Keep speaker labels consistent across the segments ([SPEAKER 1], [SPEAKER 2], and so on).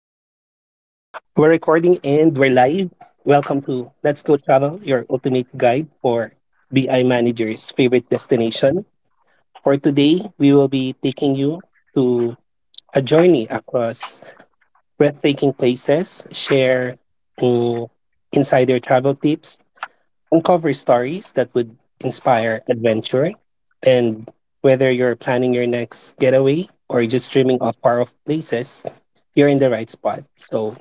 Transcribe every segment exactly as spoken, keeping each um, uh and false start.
[SPEAKER 1] We're recording and we're live. Welcome to Let's Go Travel, your ultimate guide for B I managers' favorite destination. For today, we will be taking you to a journey across breathtaking places, share mm, insider travel tips, uncover stories that would inspire adventure. And whether you're planning your next getaway or just dreaming of far off places, you're in the right spot. So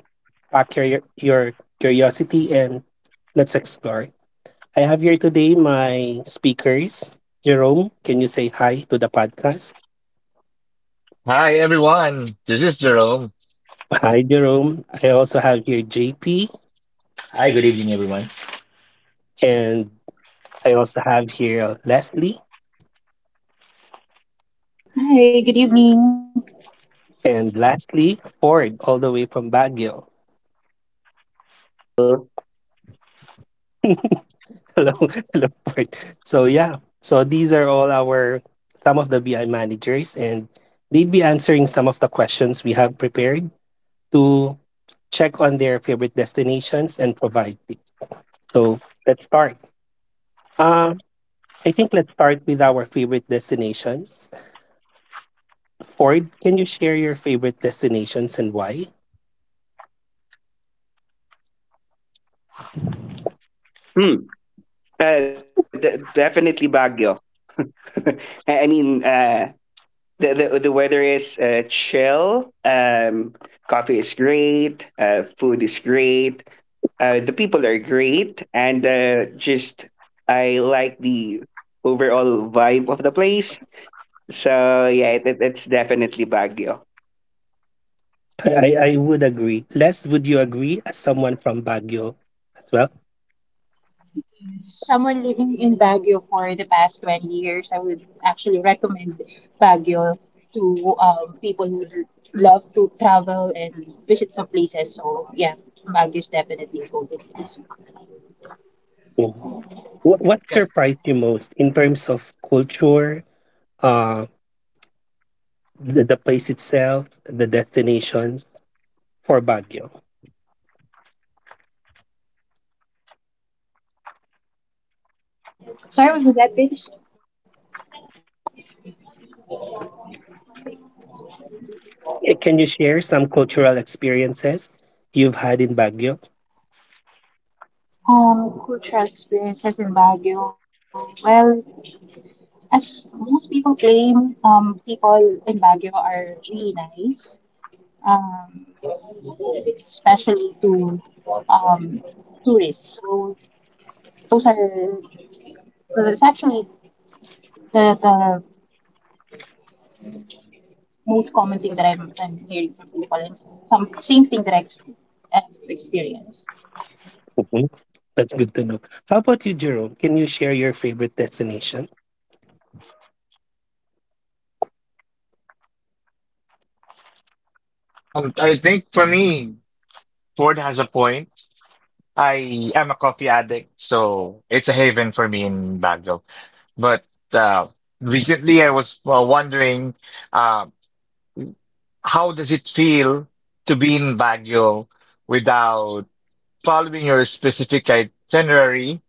[SPEAKER 1] pack your, your curiosity and let's explore. I have here today my speakers. Jerome, can you say hi to the podcast?
[SPEAKER 2] Hi, everyone, this is Jerome.
[SPEAKER 1] Hi, Jerome. I also have here J P,
[SPEAKER 3] Hi, good evening, everyone.
[SPEAKER 1] and I also have here Leslie,
[SPEAKER 4] Hi, good evening.
[SPEAKER 1] and lastly, Ford, all the way from Baguio.
[SPEAKER 5] Hey y'all.
[SPEAKER 1] Hello, hello, Port. So yeah, so these are all our some of the B I managers, and they'd be answering some of the questions we have prepared to check on their favorite destinations and provide tips. So let's start. Uh, I think let's start with our favorite destinations. Ford, can you share your favorite destinations and why?
[SPEAKER 5] Hmm. Uh, d- definitely Baguio. I I mean, uh, the, the the weather is uh, chill. Um, coffee is great. Uh, food is great. Uh, the people are great, and uh, just I like the overall vibe of the place. So yeah, it, it- it's definitely Baguio.
[SPEAKER 1] I, I, I would agree. Les, would you agree as someone from Baguio as well?
[SPEAKER 4] Someone living in Baguio for the past twenty years, I would actually recommend Baguio to um, people who would love to travel and visit some places. So, yeah, Baguio is definitely a golden place.
[SPEAKER 1] Yeah. What, what
[SPEAKER 3] I
[SPEAKER 1] surprised you most in terms of culture, uh, the, the place itself, the destinations for Baguio.
[SPEAKER 4] Sorry, what was that, page?
[SPEAKER 1] Eh, can you share some cultural experiences you've had in Baguio?
[SPEAKER 4] Um, cultural experiences in Baguio. Well, as most people claim, um, people in Baguio are really nice, um, especially to um, tourists. So those are well, it's actually the, the most common thing that I'm, I'm hearing from people, and some same thing that I've, I've experienced.
[SPEAKER 1] Mhm. That's good to know. How about you, Jerome? Can you share your favorite destination?
[SPEAKER 2] Um, I think for me, Ford has a point. I am a coffee addict, so it's a haven for me in Baguio. But uh, recently, I was uh, wondering, uh, how does it feel to be in Baguio without following your specific itinerary,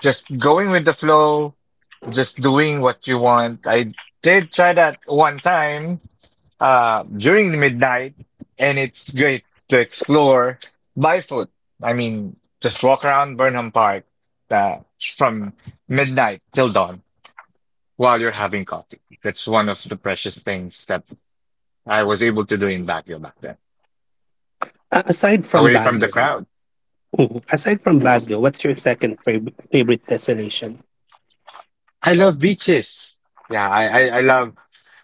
[SPEAKER 2] just going with the flow, just doing what you want? I did try that one time uh, during midnight, and it's great to explore by foot. I mean, just walk around Burnham Park uh, from midnight till dawn while you're having coffee. That's one of the precious things that I was able to do in Baguio back then,
[SPEAKER 1] A- aside from
[SPEAKER 2] away from the
[SPEAKER 1] Baguio.
[SPEAKER 2] crowd.
[SPEAKER 1] Mhm. Aside from Baguio, what's your second fav- favorite destination?
[SPEAKER 2] I love beaches. Yeah, I, I, I love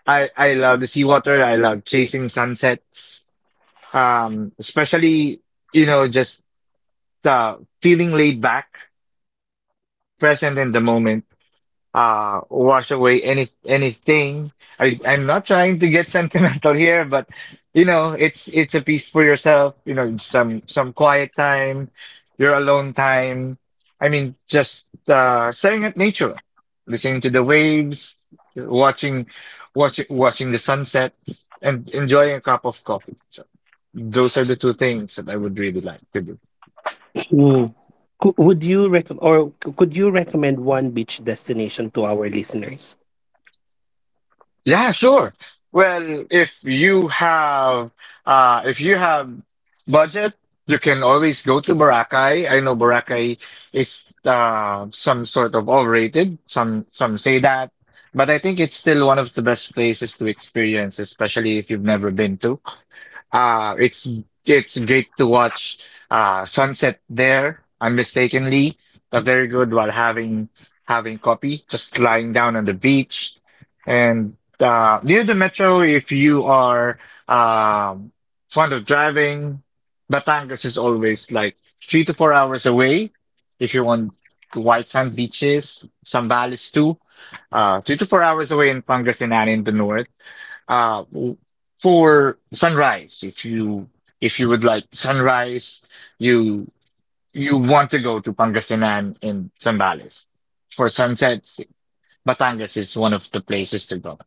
[SPEAKER 2] I, I love the seawater. I love chasing sunsets. Um, especially, you know, just uh, feeling laid back, just being present in the moment, uh, wash away any anything. I I'm not trying to get sentimental here, but you know, it's it's a piece for yourself. You know, some some quiet time, your alone time. I mean, just uh, staring at nature, listening to the waves, watching, watching, watching the sunsets, and enjoying a cup of coffee. So those are the two things that I would really like to do.
[SPEAKER 1] Mm. Cou- Would you recommend or c- could you recommend one beach destination to our listeners?
[SPEAKER 2] Yeah, sure. Well, if you have uh if you have budget, you can always go to Boracay. I know Boracay is uh some sort of overrated. Some some say that, but I think it's still one of the best places to experience, especially if you've never been to. Uh it's it's great to watch uh sunset there, unmistakably. Uh, very good while having having coffee, just lying down on the beach. And. Uh, near the metro, if you are um, fond of driving, Batangas is always like three to four hours away. If you want white sand beaches, Zambales too, uh, three to four hours away in Pangasinan in the north. Uh, w- for sunrise, if you if you would like sunrise, you you want to go to Pangasinan in Zambales. For sunsets, Batangas is one of the places to go.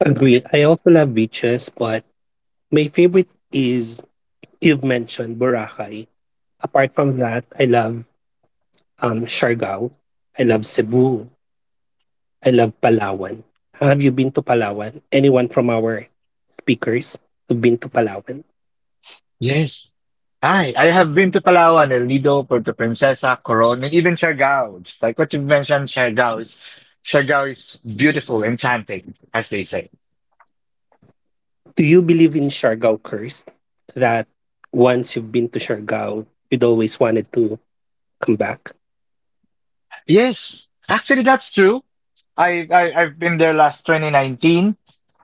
[SPEAKER 1] Agree. I also love beaches, but my favorite is you've mentioned Boracay. Apart from that, I love um Siargao. I love Cebu. I love Palawan. Have you been to Palawan? Anyone from our speakers who've been to Palawan?
[SPEAKER 2] Yes. I I have been to Palawan, El Nido, Puerto Princesa, Coron, and even Siargao. It's like what you mentioned, Siargao is Siargao is beautiful, enchanting, as they say.
[SPEAKER 1] Do you believe in Siargao curse? That once you've been to Siargao, you'd always wanted to come back?
[SPEAKER 2] Yes, actually that's true. I, I I've been there last twenty nineteen.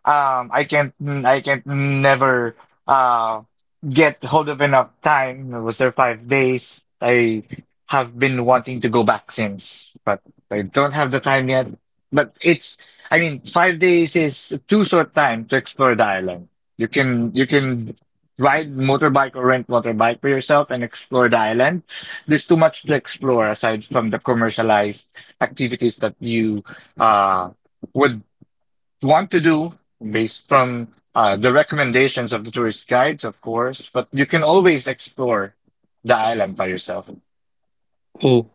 [SPEAKER 2] Um, I can't mm, I can't never uh get hold of enough time. I was there five days. I have been wanting to go back since, but I don't have the time yet. But it's I mean five days is too short time to explore the island. You can you can ride motorbike or rent motorbike for yourself and explore the island. There's too much to explore aside from the commercialized activities that you uh, would want to do based from uh, the recommendations of the tourist guides, of course, but you can always explore the island by yourself
[SPEAKER 1] Mm,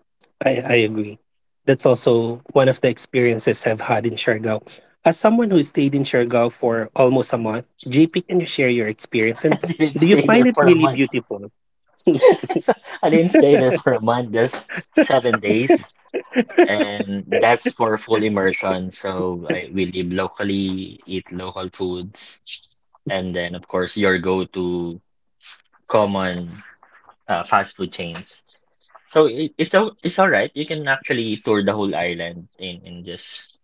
[SPEAKER 1] I, I agree. That's also one of the experiences I've had in Siargao. As someone who stayed in Siargao for almost a month, J P, can you share your experience? And
[SPEAKER 3] didn't
[SPEAKER 1] do you
[SPEAKER 3] stay
[SPEAKER 1] find
[SPEAKER 3] there
[SPEAKER 1] it
[SPEAKER 3] for a
[SPEAKER 1] really
[SPEAKER 3] month.
[SPEAKER 1] beautiful?
[SPEAKER 3] I didn't stay there for a month, just seven days, and that's for full immersion. So I we live locally, eat local foods, and then of course your go-to common uh, fast food chains. So it, it's all it's all right. You can actually tour the whole island in in just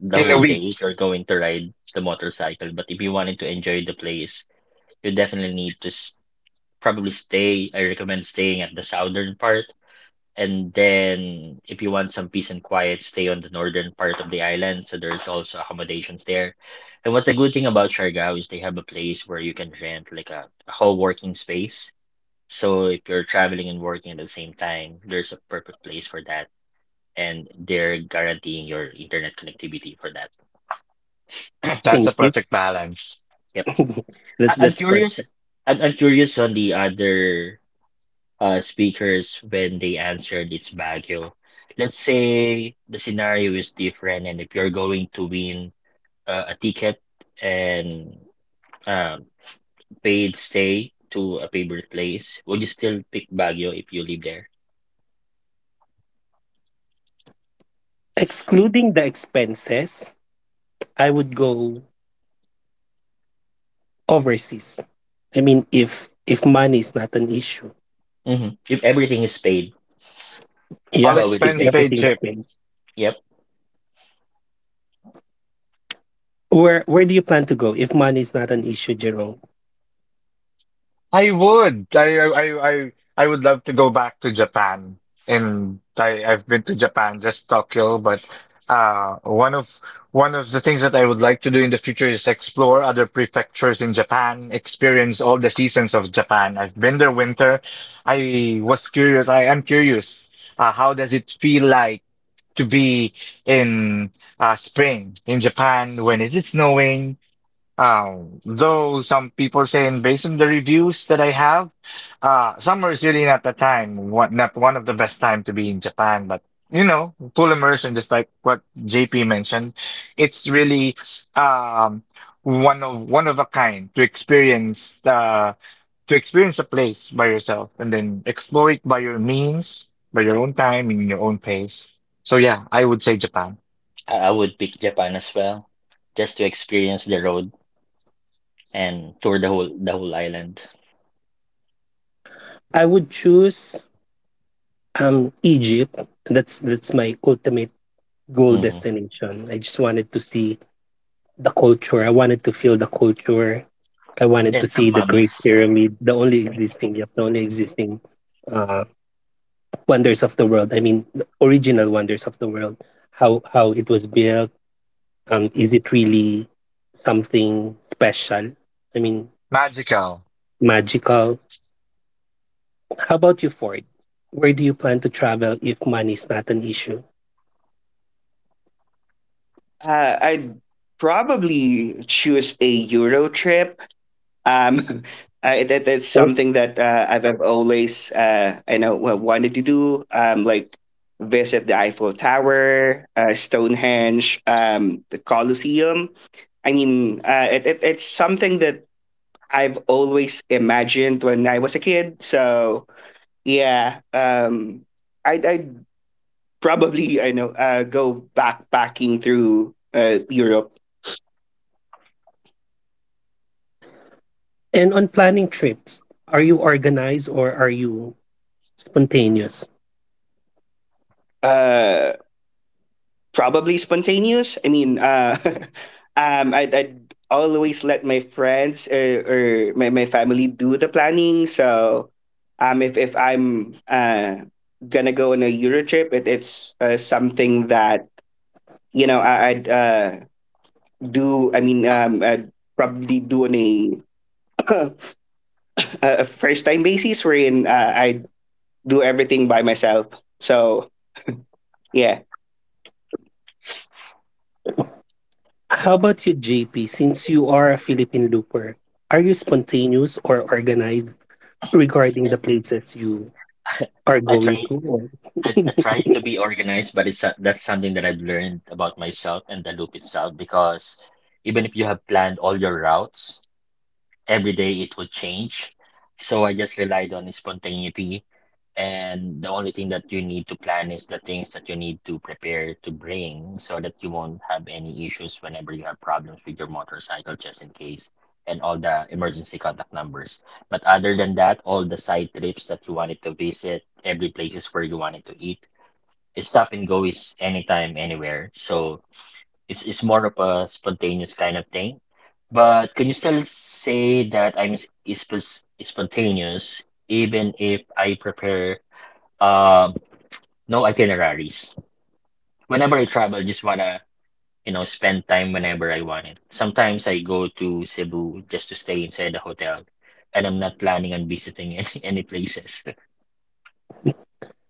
[SPEAKER 3] the
[SPEAKER 2] in a
[SPEAKER 3] whole
[SPEAKER 2] week.
[SPEAKER 3] day if you're going to ride the motorcycle. But if you wanted to enjoy the place, you definitely need to. probably stay. I recommend staying at the southern part. And then if you want some peace and quiet, stay on the northern part of the island. So there's also accommodations there. And what's a good thing about Siargao is they have a place where you can rent like a, a whole working space. So if you're traveling and working at the same time, there's a perfect place for that. And they're guaranteeing your internet connectivity for that.
[SPEAKER 2] That's a
[SPEAKER 1] Thank you.
[SPEAKER 2] perfect balance.
[SPEAKER 3] Yep.
[SPEAKER 1] that,
[SPEAKER 3] I I'm
[SPEAKER 1] that's
[SPEAKER 3] curious.
[SPEAKER 1] perfect.
[SPEAKER 3] I'm, I'm curious on the other uh, speakers when they answered it's Baguio. Let's say the scenario is different, and if you're going to win uh, a ticket and um, paid stay to a favorite place, would you still pick Baguio if you live there?
[SPEAKER 1] Excluding the expenses, I would go overseas. I mean, if if money is not an issue.
[SPEAKER 3] Hmm. If everything is paid,
[SPEAKER 2] All
[SPEAKER 1] Yeah,
[SPEAKER 3] what would
[SPEAKER 1] if
[SPEAKER 3] you
[SPEAKER 2] expense
[SPEAKER 3] pick?
[SPEAKER 2] paid
[SPEAKER 1] everything's
[SPEAKER 2] trip.
[SPEAKER 1] paid.
[SPEAKER 3] Yep,
[SPEAKER 1] Where where do you plan to go if money is not an issue, Jerome?
[SPEAKER 2] I would. I I I I I would love to go back to Japan. And I I've been to Japan, just Tokyo, but uh one of one of the things that I would like to do in the future is explore other prefectures in Japan, experience all the seasons of Japan. I've been there winter. I was curious. I am curious. Uh, how does it feel like to be in uh spring in Japan? When is it snowing? Um, though some people saying based on the reviews that I have, uh, summer is really not the time, what, not one of the best time to be in Japan, but you know, full immersion, just like what J P mentioned, it's really, um, one of, one of a kind to experience, the to experience a place by yourself and then explore it by your means, by your own time, in your own pace. So yeah, I would say Japan.
[SPEAKER 3] I, I would pick Japan as well, just to experience the road and tour the whole the whole island.
[SPEAKER 1] I would choose Um, Egypt. That's that's my ultimate goal
[SPEAKER 3] Hmm.
[SPEAKER 1] destination. I just wanted to see the culture. I wanted to feel the culture. I wanted to
[SPEAKER 3] And some
[SPEAKER 1] see the Great
[SPEAKER 3] mummies.
[SPEAKER 1] Pyramid, the only existing, yep, the only existing uh, wonders of the world. I mean, the original wonders of the world. How how it was built. Um, is it really something special? I mean,
[SPEAKER 2] Magical.
[SPEAKER 1] magical. How about you, Ford? Where do you plan to travel if money is not an issue?
[SPEAKER 5] Uh, I'd probably choose a Euro trip. Um, I, that that's something that uh, I've, I've always uh, I know wa- wanted to do. Um, like visit the Eiffel Tower, uh, Stonehenge, um, the Colosseum. I mean, uh, it, it, it's something that I've always imagined when I was a kid. So yeah, um, I'd, I'd probably I know uh, go backpacking through uh, Europe.
[SPEAKER 1] And on planning trips, are you organized or are you spontaneous?
[SPEAKER 5] Uh, probably spontaneous. I mean, uh, um, I'd, I'd always let my friends uh, or my, my family do the planning. So, um, if if I'm uh gonna go on a Euro trip, it, it's uh, something that you know I, I'd uh do. I mean, um, I'd probably do on a a first time basis, wherein uh, I do everything by myself. So yeah,
[SPEAKER 1] How about you, J P? Since you are a Philippine looper, are you spontaneous or organized regarding the places you are
[SPEAKER 3] I
[SPEAKER 1] going
[SPEAKER 3] tried
[SPEAKER 1] to? Or-
[SPEAKER 3] I, I try to be organized, but it's a- that's something that I've learned about myself and the loop itself because even if you have planned all your routes, every day it will change. So I just relied on spontaneity, and the only thing that you need to plan is the things that you need to prepare to bring so that you won't have any issues whenever you have problems with your motorcycle, just in case, and all the emergency contact numbers. But other than that, all the side trips that you wanted to visit, every places where you wanted to eat, stop and go is anytime, anywhere. So it's it's more of a spontaneous kind of thing. But can you still say that I'm s- is spontaneous even if I prepare um no itineraries? Whenever I travel, I just wanna, you know, spend time whenever I want it. Sometimes I go to Cebu just to stay inside the hotel, and I'm not planning on visiting any, any places.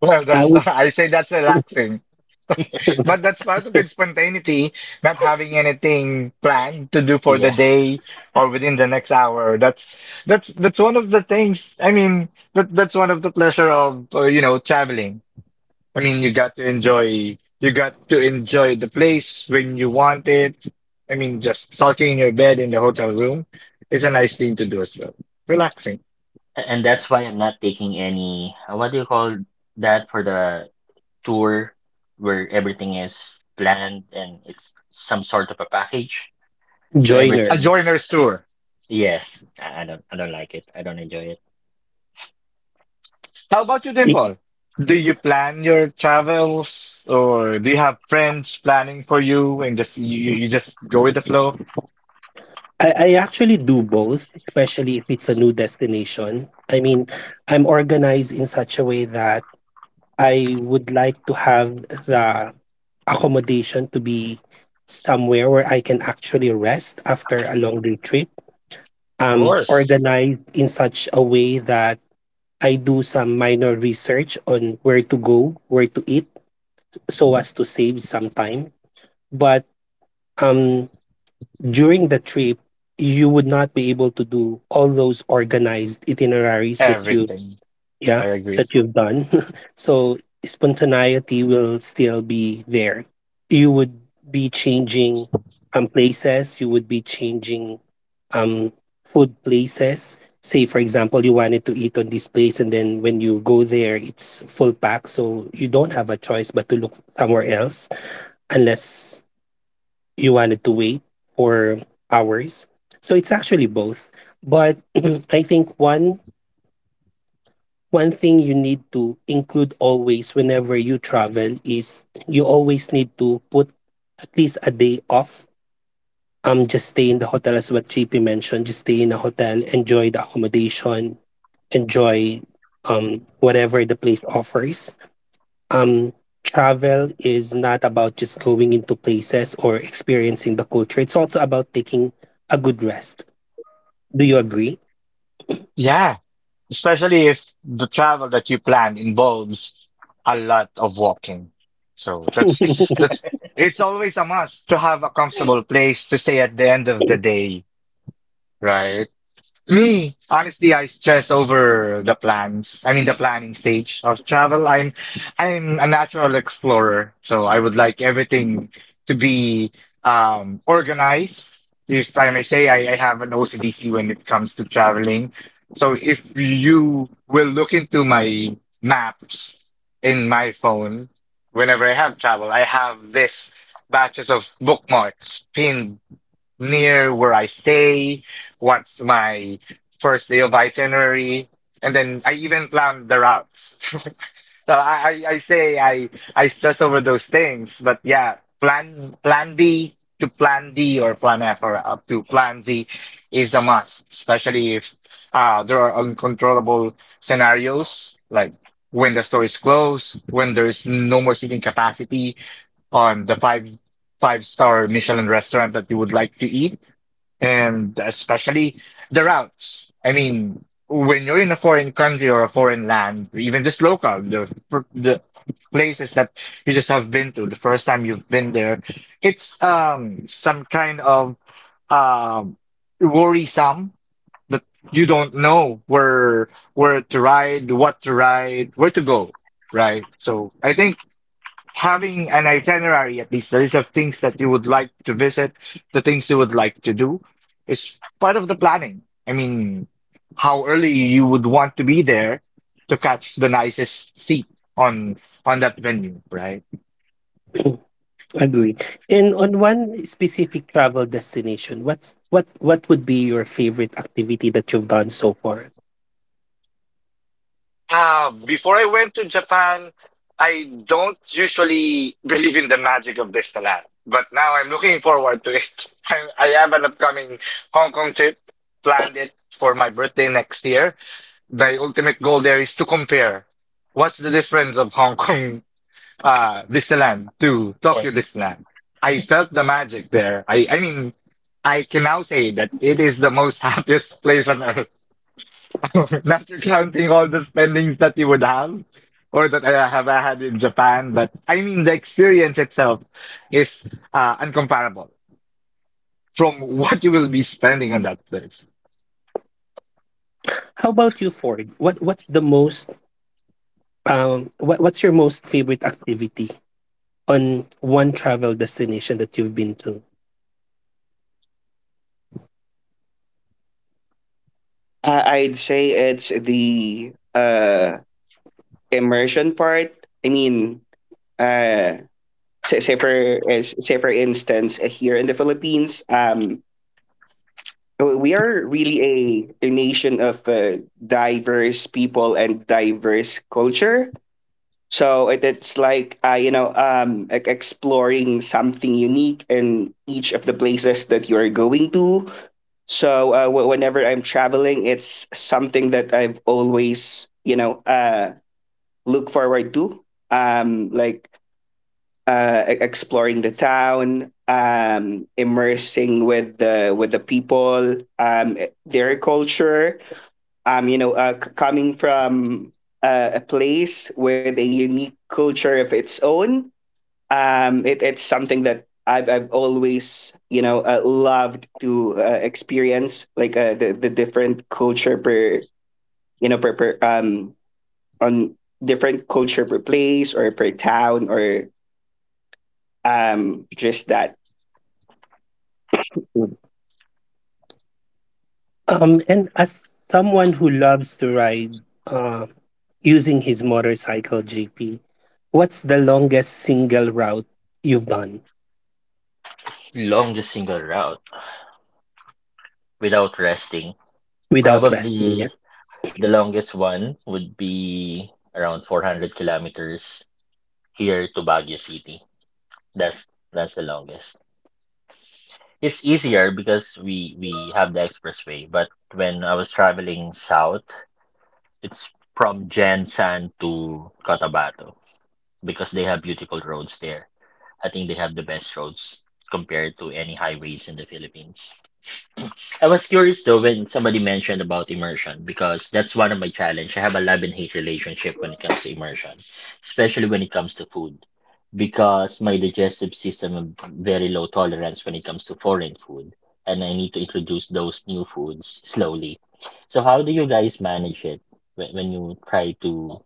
[SPEAKER 2] Well,
[SPEAKER 1] I
[SPEAKER 2] that's
[SPEAKER 1] would
[SPEAKER 2] I say that's relaxing. But that's part of its spontaneity, not having anything planned to do for the
[SPEAKER 3] Yeah.
[SPEAKER 2] day or within the next hour. That's that's that's one of the things. I mean, that that's one of the pleasure of uh, you know traveling. I mean, you got to enjoy you got to enjoy the place when you want it. I mean, just sulking in your bed in the hotel room is a nice thing to do as well. Relaxing.
[SPEAKER 3] And that's why I'm not taking any, uh, what do you call that, for the tour where everything is planned and it's some sort of a package. So
[SPEAKER 2] A
[SPEAKER 1] joiner.
[SPEAKER 3] everything,
[SPEAKER 2] joiner's tour.
[SPEAKER 3] yes, I, I don't, I don't like it. I don't enjoy it.
[SPEAKER 2] How about you, Dimple? Do you plan your travels, or do you have friends planning for you, and just you, you you just go with the flow? Of
[SPEAKER 1] I, I actually do both, especially if it's a new destination. I mean, I'm organized in such a way that I would like to have the accommodation to be somewhere where I can actually rest after a long day trip. Um,
[SPEAKER 2] course,
[SPEAKER 1] organized in such a way that I do some minor research on where to go, where to eat, so as to save some time. But um, during the trip, you would not be able to do all those organized itineraries that you
[SPEAKER 2] everything. I
[SPEAKER 1] yeah
[SPEAKER 2] agree.
[SPEAKER 1] that you've done so spontaneity will still be there. You would be changing um places, you would be changing um food places. Say for example you wanted to eat on this place, and then when you go there it's full pack, so you don't have a choice but to look somewhere else, unless you wanted to wait for hours. So it's actually both, but I think one one thing you need to include always whenever you travel is you always need to put at least a day off. Um, just stay in the hotel as what J P mentioned. Just stay in a hotel, enjoy the accommodation, enjoy um whatever the place offers. Um, Travel is not about just going into places or experiencing the culture. It's also about taking a good rest. Do you agree?
[SPEAKER 2] Yeah, especially if the travel that you plan involves a lot of walking. So that's that's it's always a must to have a comfortable place to stay at the end of the day, right? Me, honestly, I stress over the plans. I mean, the planning stage of travel. I'm, I'm a natural explorer, so I would like everything to be um, organized. This time I say I, I have an O C D C when it comes to traveling. So if you will look into my maps in my phone, whenever I have travel, I have this batches of bookmarks pinned near where I stay, what's my first day of itinerary, and then I even plan the routes. So I, I, I say I I stress over those things, but yeah, plan plan B to plan D or plan F or up to plan Z is a must, especially if uh there are uncontrollable scenarios like when the store is closed, when there's no more seating capacity on the five five star Michelin restaurant that you would like to eat and especially the routes. I mean, when you're in a foreign country or a foreign land, even just local, the fir- the places that you just have been to, the first time you've been there, it's um some kind of um worrisome that you don't know where where to ride, what to ride, where to go, right? So I think having an itinerary, at least the list of things that you would like to visit, the things you would like to do, is part of the planning. I mean, how early you would want to be there to catch the nicest seat on on that venue, right?
[SPEAKER 1] Agree. And on one specific travel destination, what's what what would be your favorite activity that you've done so far?
[SPEAKER 2] Uh before I went to Japan, I don't usually believe in the magic of this land, but now I'm looking forward to it. i, I have an upcoming Hong Kong trip planned it for my birthday next year. The ultimate goal there is to compare what's the difference of Hong Kong uh, Disneyland to
[SPEAKER 3] Yeah.
[SPEAKER 2] Tokyo Disneyland. I felt the magic there. I, I mean, I can now say that it is the most happiest place on earth, not counting all the spendings that you would have or that I have had in Japan. But I mean, the experience itself is uh, uncomparable from what you will be spending on that place.
[SPEAKER 1] How about you, Ford? What what's the most um what, what's your most favorite activity on one travel destination that you've been to?
[SPEAKER 5] I, I'd say it's the uh immersion part. I mean, uh, say, say for eh, Say for instance, eh, here in the Philippines, um, w- we are really a a nation of uh, diverse people and diverse culture. So it, it's like uh, you know, um, e- exploring something unique in each of the places that you are going to. So uh, w- whenever I'm traveling, it's something that I've always you know uh, look forward to, um like uh, e- exploring the town, um, immersing with the with the people, um, e- their culture. Um, you know, uh, c- coming from uh, a place with a unique culture of its own. Um, it, it's something that I've I've always you know uh, loved to uh, experience, like uh, the the different culture per you know per, per, um on different culture per place or per town or um just that.
[SPEAKER 1] Mm. Um, and as someone who loves to ride uh, using his motorcycle, J P, what's the longest single route you've done
[SPEAKER 3] Long the single route without resting.
[SPEAKER 1] without resting?
[SPEAKER 3] Probably the longest one would be around four hundred kilometers here to Baguio City. That's that's the longest. It's easier because we we have the expressway, but when I was traveling south, it's from Jensan to Cotabato, because they have beautiful roads there. I think they have the best roads compared to any highways in the Philippines. I was curious though when somebody mentioned about immersion because that's one of my challenge. I have a love and hate relationship when it comes to immersion, especially when it comes to food, because my digestive system have very low tolerance when it comes to foreign food, and I need to introduce those new foods slowly. So how do you guys manage it when, when you try to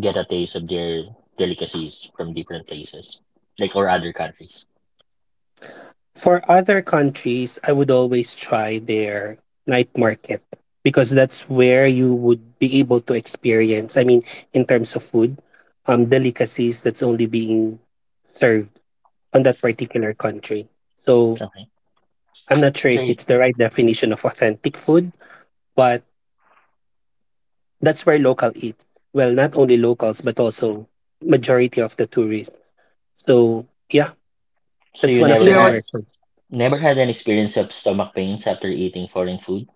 [SPEAKER 3] get a taste of their delicacies from different places, like or other countries?
[SPEAKER 1] For other countries, I would always try their night market because that's where you would be able to experience, I mean, in terms of food, um, delicacies that's only being served on that particular country. So
[SPEAKER 3] Okay.
[SPEAKER 1] I'm not sure
[SPEAKER 3] So
[SPEAKER 1] if
[SPEAKER 3] you,
[SPEAKER 1] it's the right definition of authentic food, but that's where local eats. Well, not only locals, but also majority of the tourists. So yeah,
[SPEAKER 3] so
[SPEAKER 1] that's
[SPEAKER 3] you
[SPEAKER 1] one of
[SPEAKER 2] You
[SPEAKER 1] the
[SPEAKER 3] never
[SPEAKER 2] know what?
[SPEAKER 3] had
[SPEAKER 1] immersion.
[SPEAKER 3] never had an experience of stomach pains after eating foreign food?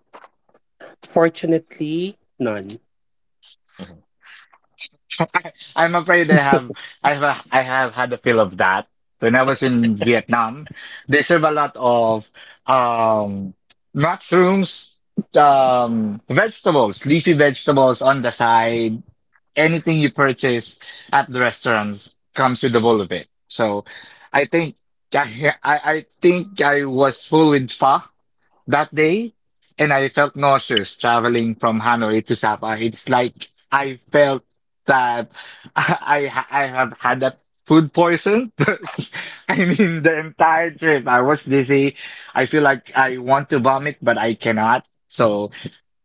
[SPEAKER 1] Fortunately, none.
[SPEAKER 3] Mhm.
[SPEAKER 2] I'm afraid I have I have I have had a feel of that. When I was in Vietnam, they serve a lot of um mushrooms, um vegetables, leafy vegetables on the side. Anything you purchase at the restaurants comes with a bowl of it. So I think I I, I think I was full with pho that day, and I felt nauseous traveling from Hanoi to Sapa. It's like I felt that I I, I have had a food poison. I mean, the entire trip I was dizzy. I feel like I want to vomit, but I cannot. So.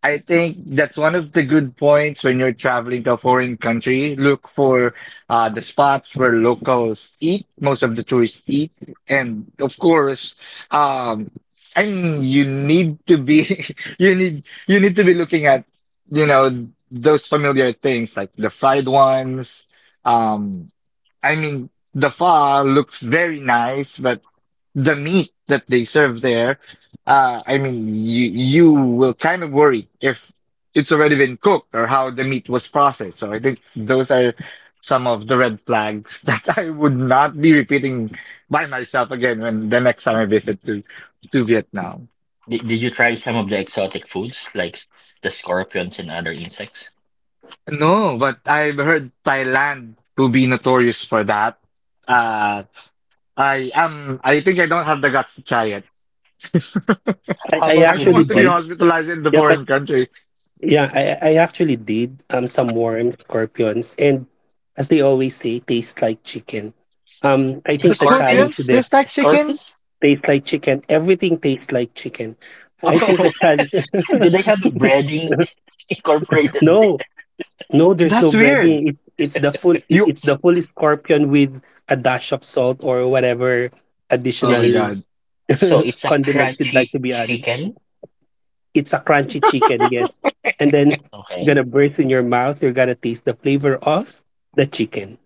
[SPEAKER 2] I think that's one of the good points when you're traveling to a foreign country. Look for uh, the spots where locals eat, most of the tourists eat, and of course, um, I mean, you need to be you need you need to be looking at you know those familiar things like the fried ones, um, I mean, the pho looks very nice, but the meat that they serve there, uh, I mean, you you will kind of worry if it's already been cooked or how the meat was processed. So I think those are some of the red flags that I would not be repeating by myself again when the next time I visit to to Vietnam.
[SPEAKER 3] Did, did you try some of the exotic foods like s- the scorpions and other insects?
[SPEAKER 2] No, but I've heard Thailand to be notorious for that. Uh, I am. I think I don't have the guts to try it.
[SPEAKER 1] I,
[SPEAKER 3] How
[SPEAKER 1] I
[SPEAKER 3] about
[SPEAKER 2] I
[SPEAKER 3] you,
[SPEAKER 2] don't
[SPEAKER 1] actually
[SPEAKER 2] want to be
[SPEAKER 3] Dimple?
[SPEAKER 1] did.
[SPEAKER 2] hospitalized in the
[SPEAKER 1] Yep. I,
[SPEAKER 3] Oh,
[SPEAKER 2] foreign country.
[SPEAKER 1] yeah, I, I actually did um some worms, scorpions, and as they always say, taste like chicken. Um, I
[SPEAKER 2] The
[SPEAKER 1] think the challenge
[SPEAKER 2] scorpions
[SPEAKER 3] scorpions?
[SPEAKER 1] there
[SPEAKER 2] taste like chickens?
[SPEAKER 3] Scorpions?
[SPEAKER 1] tastes like chicken. Everything tastes like chicken. I think the
[SPEAKER 2] Oh,
[SPEAKER 1] challenge.
[SPEAKER 3] Do they have a breading incorporated?
[SPEAKER 1] no, no, there's no
[SPEAKER 2] that's weird.
[SPEAKER 1] breading. It's it's the full it-
[SPEAKER 2] You,
[SPEAKER 1] it's the full scorpion with a dash of salt or whatever
[SPEAKER 2] oh
[SPEAKER 3] And
[SPEAKER 2] my
[SPEAKER 3] it
[SPEAKER 1] additional
[SPEAKER 2] God.
[SPEAKER 3] so it's a
[SPEAKER 1] condiments you'd
[SPEAKER 3] crunchy
[SPEAKER 1] like to be added.
[SPEAKER 3] chicken.
[SPEAKER 1] It's a crunchy chicken, yes. And then you're
[SPEAKER 3] Okay.
[SPEAKER 1] gonna burst in your mouth. You're gonna taste the flavor of the chicken.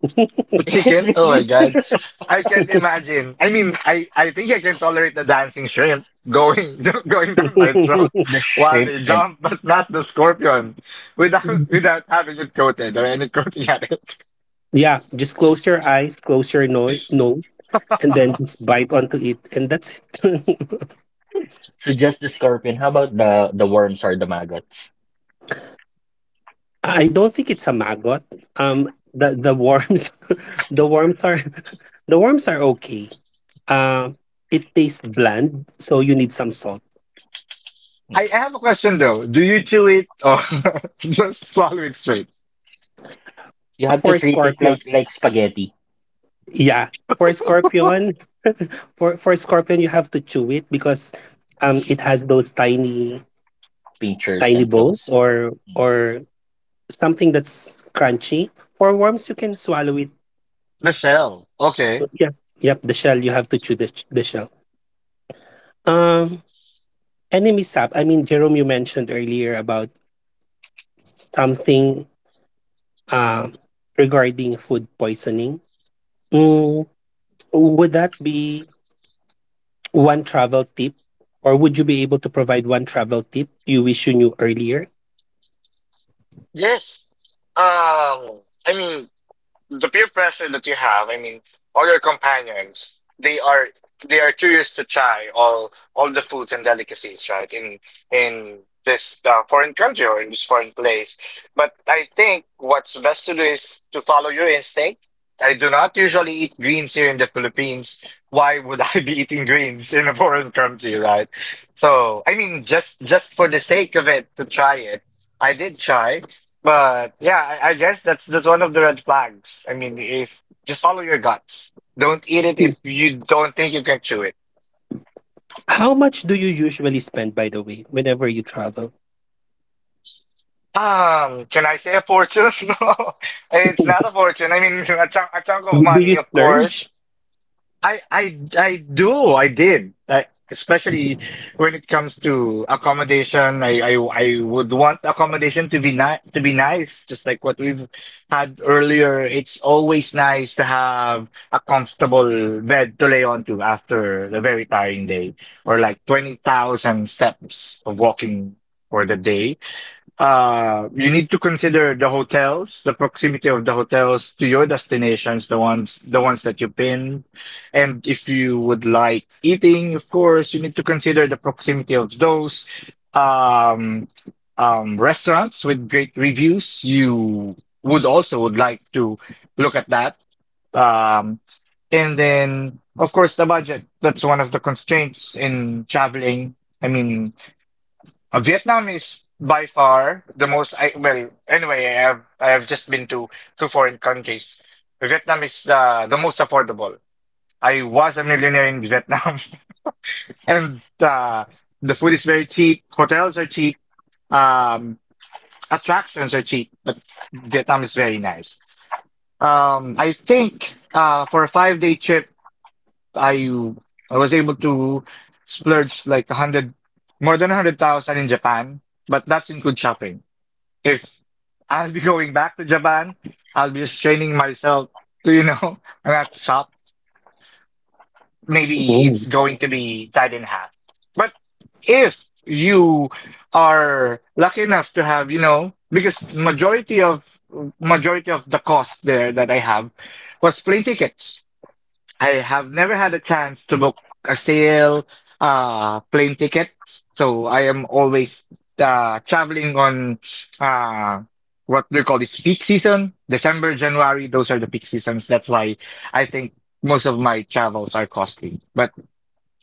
[SPEAKER 2] The
[SPEAKER 3] It's
[SPEAKER 2] chicken? Oh my
[SPEAKER 3] really
[SPEAKER 2] God. I can't imagine. I mean, I, I think I can tolerate the dancing shrimp going, going down my throat
[SPEAKER 3] the
[SPEAKER 2] while
[SPEAKER 3] shrimp.
[SPEAKER 2] they jump, but not the scorpion without, without having it coated or any coating at it.
[SPEAKER 1] Yeah, just close your eyes, close your no- nose, and then just bite onto it, and that's it.
[SPEAKER 3] So just the scorpion. How about the the worms or the maggots?
[SPEAKER 1] I don't think it's a maggot. Um, the the worms, the worms are, the worms are okay. Um, it tastes bland, so you need some salt.
[SPEAKER 2] I
[SPEAKER 3] Mm.
[SPEAKER 2] have a question though. Do you chew it or just swallow it straight?
[SPEAKER 3] You have to
[SPEAKER 1] For
[SPEAKER 3] treat it
[SPEAKER 1] scorpion,
[SPEAKER 3] like like spaghetti,
[SPEAKER 1] yeah, for scorpion, for for scorpion, you have to chew it because um it has those tiny
[SPEAKER 3] pinchers
[SPEAKER 1] tiny
[SPEAKER 3] and
[SPEAKER 1] bone
[SPEAKER 3] claws.
[SPEAKER 1] or
[SPEAKER 3] Mm.
[SPEAKER 1] or something that's crunchy. For worms, you can swallow it.
[SPEAKER 2] The shell. Okay.
[SPEAKER 1] Yeah, yep. The shell you have to chew the sh- the shell. Um, Enemy sap. I mean, Jerome, you mentioned earlier about something um regarding food poisoning. Mm, would that be one travel tip, or would you be able to provide one travel tip you wish you knew earlier?
[SPEAKER 2] Yes. Um, I mean, the peer pressure that you have, I mean, all your companions, they are they are curious to try all all the foods and delicacies, right? In in this uh, foreign country or in this foreign place. But I think what's best to do is to follow your instinct. I do not usually eat greens here in the Philippines. Why would I be eating greens in a foreign country, right? So, I mean, just just for the sake of it, to try it. I did try. But yeah, I, I guess that's that's one of the red flags. I mean, if just follow your guts. Don't eat it
[SPEAKER 1] Hmm.
[SPEAKER 2] if you don't think you can chew it.
[SPEAKER 1] How much do you usually spend, by the way, whenever you travel?
[SPEAKER 2] Um, can I say a fortune? No, it's not a fortune. I mean, a chunk, a chunk of
[SPEAKER 1] Do
[SPEAKER 2] money,
[SPEAKER 1] you
[SPEAKER 2] of
[SPEAKER 1] splurge?
[SPEAKER 2] course. I I I do. I did. I, especially when it comes to accommodation, I, I I would want accommodation to be ni to be nice, just like what we've had earlier. It's always nice to have a comfortable bed to lay onto after a very tiring day, or like twenty thousand steps of walking for the day. Uh you need to consider the hotels, the proximity of the hotels to your destinations, the ones the ones that you pin. And if you would like eating, of course you need to consider the proximity of those um um restaurants with great reviews. You would also would like to look at that. um and then, of course, the budget. That's one of the constraints in traveling. I mean, uh, Vietnam is by far the most. I, well, anyway, I have I have just been to two foreign countries. Vietnam is uh, the most affordable. I was a millionaire in Vietnam, and uh, the food is very cheap. Hotels are cheap. Um, Attractions are cheap, but Vietnam is very nice. Um, I think uh, for a five day trip, I I was able to splurge like a hundred, more than a hundred thousand in Japan, but that's include shopping. If I'll be going back to Japan, I'll be just training myself to, you know, not shop. Maybe
[SPEAKER 1] Mm.
[SPEAKER 2] it's going to be tied in half. But if you are lucky enough to have, you know, because majority of majority of the cost there that I have was plane tickets. I have never had a chance to book a sale uh plane ticket, so I am always uh traveling on uh what we call this peak season, December, January. Those are the peak seasons. That's why I think most of my travels are costly. But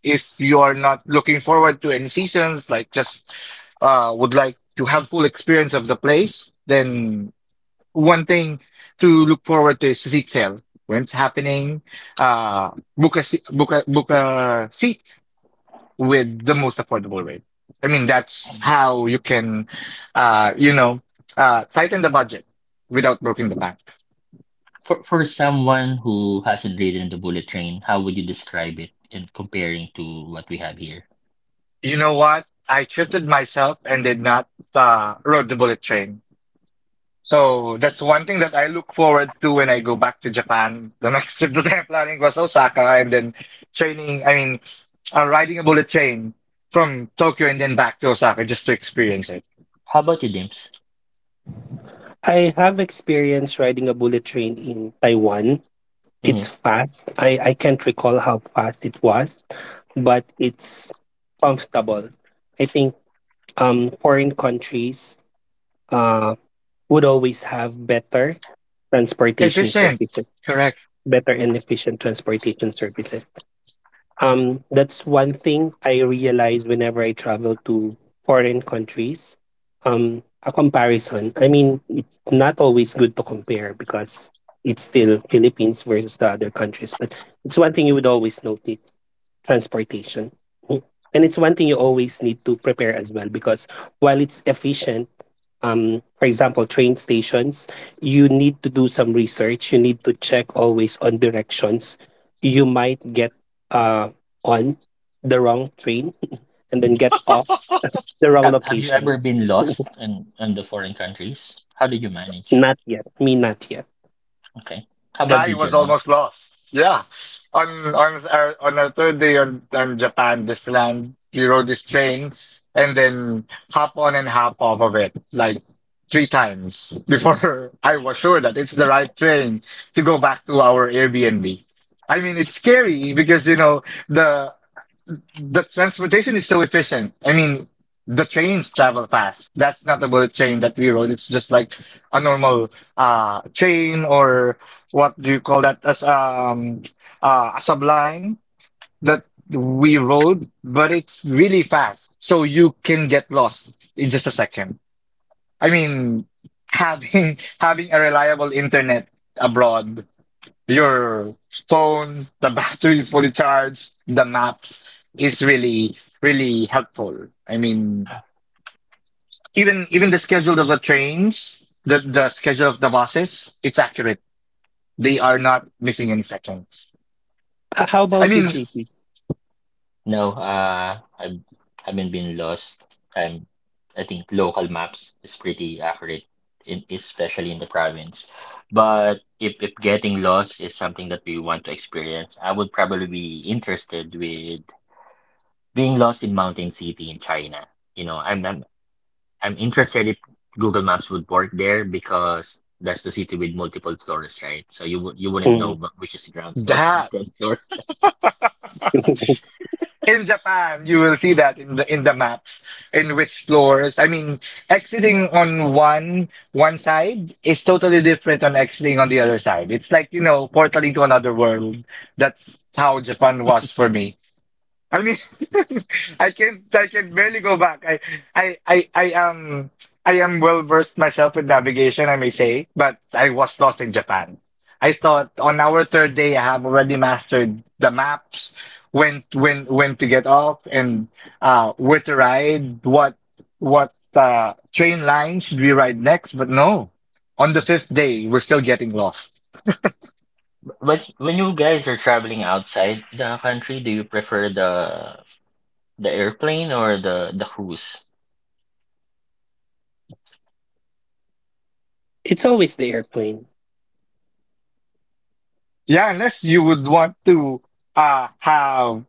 [SPEAKER 2] if you're not looking forward to any seasons, like just uh would like to have full experience of the place, then one thing to look forward to is Zitzel. When it's happening, uh, book a, se- book a, book a seat with the most affordable rate. I mean, that's how you can, uh, you know, uh, tighten the budget without breaking the bank.
[SPEAKER 3] For for someone who hasn't ridden the bullet train, how would you describe it in comparing to what we have here?
[SPEAKER 2] You know what? I trusted myself and did not, uh, rode the bullet train. So that's one thing that I look forward to when I go back to Japan. The next trip that I'm planning was Osaka, and then training, I mean, uh, riding a bullet train from Tokyo and then back to Osaka just to experience it.
[SPEAKER 3] How about you, Dimps?
[SPEAKER 1] I have experience riding a bullet train in Taiwan. It's
[SPEAKER 3] Hmm.
[SPEAKER 1] fast. I, I can't recall how fast it was, but it's comfortable. I think um, foreign countries uh, would always have better transportation
[SPEAKER 2] Efficient.
[SPEAKER 1] services,
[SPEAKER 2] Correct.
[SPEAKER 1] better and efficient transportation services. Um, that's one thing I realize whenever I travel to foreign countries. Um, a comparison. I mean, it's not always good to compare because it's still Philippines versus the other countries. But it's one thing you would always notice: transportation. Mm. And it's one thing you always need to prepare as well, because while it's efficient, um for example train stations, you need to do some research, you need to check always on directions. You might get uh on the wrong train and then get off the wrong
[SPEAKER 3] Have, have you
[SPEAKER 1] location.
[SPEAKER 3] ever been lost in in the foreign countries? How did you manage?
[SPEAKER 1] Not yet me, not yet.
[SPEAKER 3] Okay. How about
[SPEAKER 2] I
[SPEAKER 3] you,
[SPEAKER 2] was
[SPEAKER 3] Jerome?
[SPEAKER 2] almost lost. Yeah. On on our on our third day on, on Japan, this land, we rode this train and then hop on and hop off of it like three times before I was sure that it's the right train to go back to our Airbnb. I mean, it's scary because you know the the transportation is so efficient. I mean, the trains travel fast. That's not a bullet train that we rode. It's just like a normal uh train, or what do you call that, as um uh a blind that we rode, but it's really fast, so you can get lost in just a second. I mean, having having a reliable internet abroad, your phone, the battery is fully charged, the maps is really really helpful. I mean, even even the schedule of the trains, the the schedule of the buses, it's accurate. They are not missing any seconds.
[SPEAKER 1] H- how
[SPEAKER 2] I
[SPEAKER 1] about you,
[SPEAKER 2] mean,
[SPEAKER 1] JP?
[SPEAKER 3] No, uh, I've, I haven't been lost. I'm, I think local maps is pretty accurate, in, especially in the province. But if, if getting lost is something that we want to experience, I would probably be interested with being lost in Mountain City in China. You know, I'm, I'm, I'm interested if Google Maps would work there because that's the city with multiple floors, right? So you would you wouldn't
[SPEAKER 1] Mm.
[SPEAKER 3] know wh- which is ground floor and
[SPEAKER 2] that
[SPEAKER 3] tenth floor.
[SPEAKER 2] in Japan, you will see that in the in the maps, in which floors. I mean, exiting on one one side is totally different on exiting on the other side. It's like, you know, portaling to another world. That's how Japan was for me. I mean, I can I can barely go back. I I I I am I am well versed myself with navigation, I may say, but I was lost in Japan. I thought on our third day I have already mastered the maps, when when when to get off, and uh where to ride, what what uh train lines should we ride next. But no. On the fifth day, we're still getting lost.
[SPEAKER 3] But when you guys are traveling outside the country, do you prefer the the airplane or the the cruise?
[SPEAKER 1] It's always the airplane.
[SPEAKER 2] Yeah, unless you would want to uh have.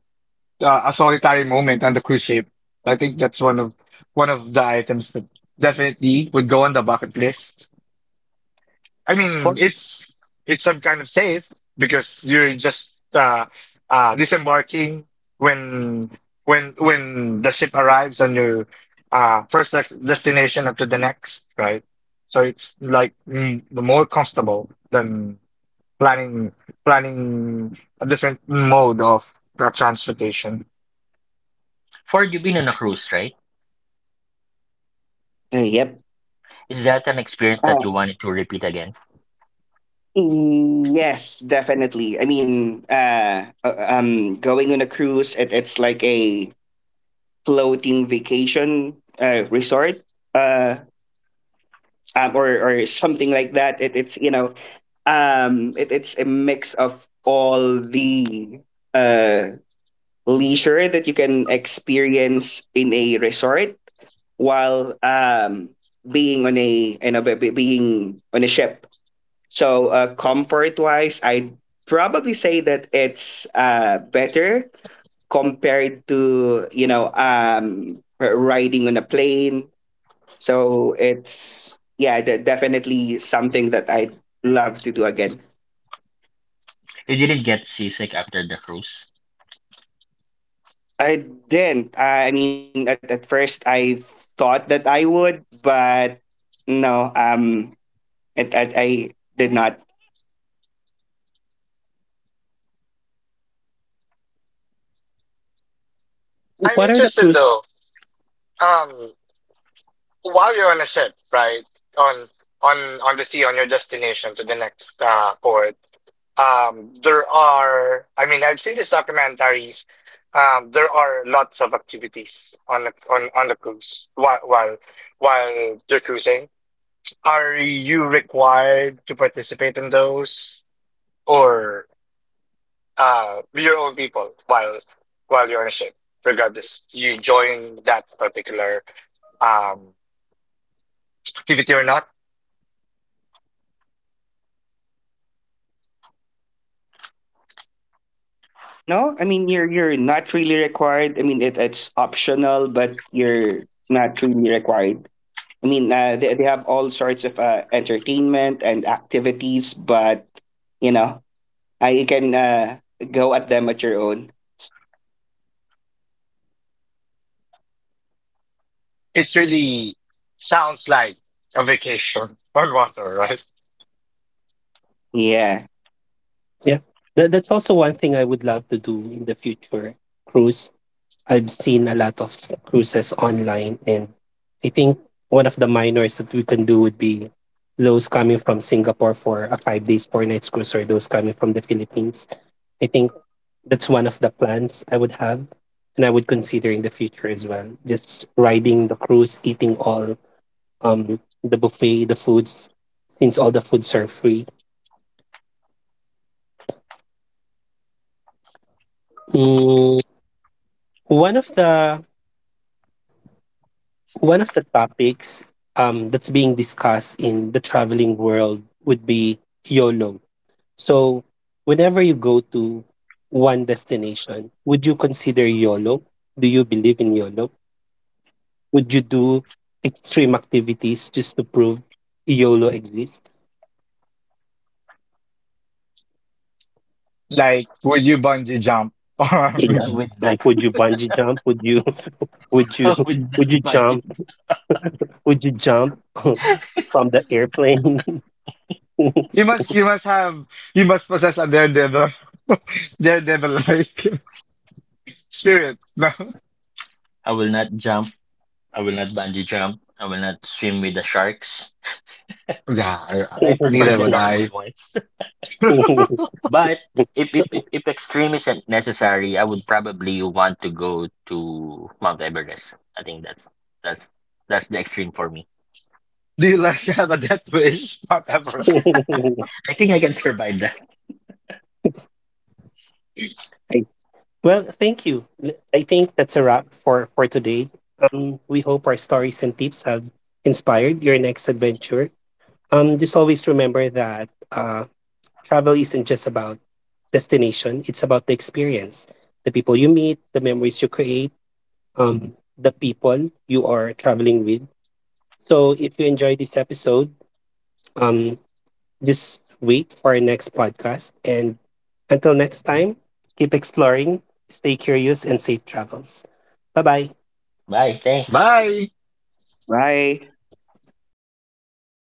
[SPEAKER 2] uh, a solitary moment on the cruise ship. I think that's one of one of the items that definitely would go on the bucket list. I
[SPEAKER 3] For
[SPEAKER 2] mean, it's it's some kind of safe because you're just uh, uh, disembarking when when when the ship arrives on your uh, first dec- destination up to the next, right? So it's like mm, the more comfortable than planning planning a different mode of uh, transportation.
[SPEAKER 3] for you been on a cruise, right?
[SPEAKER 5] Uh, yep.
[SPEAKER 3] Is that an experience that you
[SPEAKER 5] Uh,
[SPEAKER 3] wanted to repeat again?
[SPEAKER 5] yes, definitely. I mean, uh, uh, um, going on a cruise, it, it's like a floating vacation uh, resort, uh, um, or or something like that. It, it's, you know, um, it, it's a mix of all the uh leisure that you can experience in a resort while um being on a, you know be- be- being on a ship. So uh, comfort wise, I'd probably say that it's uh, better compared to you know um, r- riding on a plane. So it's yeah, de- definitely something that I'd love to do again.
[SPEAKER 3] You didn't get seasick after the cruise.
[SPEAKER 5] I didn't. I mean, at at first I thought that I would, but no. Um, it, I, I did not.
[SPEAKER 2] I'm
[SPEAKER 1] What are the
[SPEAKER 2] interested
[SPEAKER 1] cruise?
[SPEAKER 2] though. Um, while you're on a ship, right, on on on the sea, on your destination to the next uh, port, um, there are. I mean, I've seen these documentaries. Um, there are lots of activities on the on on the cruise while while while you're cruising. Are you required to participate in those, or uh, be your own people while while you're on a ship? Regardless, you join that particular um activity or not?
[SPEAKER 5] No, I mean, you're you're not really required. I mean, it, it's optional, but you're not really required. I mean uh, they they have all sorts of uh, entertainment and activities, but you know uh, you can, uh, go at them at your own.
[SPEAKER 2] It really sounds like a vacation on water, right?
[SPEAKER 5] Yeah.
[SPEAKER 1] Yeah, Tha- that's also one thing I would love to do in the future, cruise. I've seen a lot of cruises online, and I think one of the minors that we can do would be those coming from Singapore for a five days, four nights cruise, or those coming from the Philippines. I think that's one of the plans I would have, and I would consider in the future as well. Just riding the cruise, eating all um the buffet, the foods, since all the foods are free. Mm, one of the one of the topics um, that's being discussed in the traveling world would be YOLO. So, whenever you go to one destination, would you consider YOLO? Do you believe in YOLO? Would you do extreme activities just to prove YOLO exists?
[SPEAKER 2] Like, would you bungee jump?
[SPEAKER 1] Yeah.
[SPEAKER 3] I would
[SPEAKER 1] Like,
[SPEAKER 3] not.
[SPEAKER 1] would you bungee jump? Would you, would you,
[SPEAKER 3] I would not
[SPEAKER 1] would you jump?
[SPEAKER 3] bungee.
[SPEAKER 1] Would you jump from the airplane?
[SPEAKER 2] you must, you must have, you must possess a daredevil, daredevil-like spirit. No,
[SPEAKER 3] I will not jump. I will not bungee jump. I will not swim with the sharks.
[SPEAKER 2] yeah, I-
[SPEAKER 3] I prefer
[SPEAKER 2] neither
[SPEAKER 3] the
[SPEAKER 2] would
[SPEAKER 3] normal
[SPEAKER 2] I.
[SPEAKER 3] ones. But if if
[SPEAKER 1] So-
[SPEAKER 3] if if extreme isn't necessary, I would probably want to go to Mount Everest. I think that's that's that's the extreme for me.
[SPEAKER 2] Do you like have a death wish, Mount Everest?
[SPEAKER 3] I think I can survive that.
[SPEAKER 1] Well, thank you. L- I think that's a wrap for, for today. Um, we hope our stories and tips have inspired your next adventure. Um, just always remember that uh, travel isn't just about destination, it's about the experience, the people you meet, the memories you create, um, the people you are traveling with. So if you enjoyed this episode, um, just wait for our next podcast. And until next time, keep exploring, stay curious, and safe travels. Bye bye.
[SPEAKER 3] Bye. Thanks.
[SPEAKER 2] Bye.
[SPEAKER 5] Bye.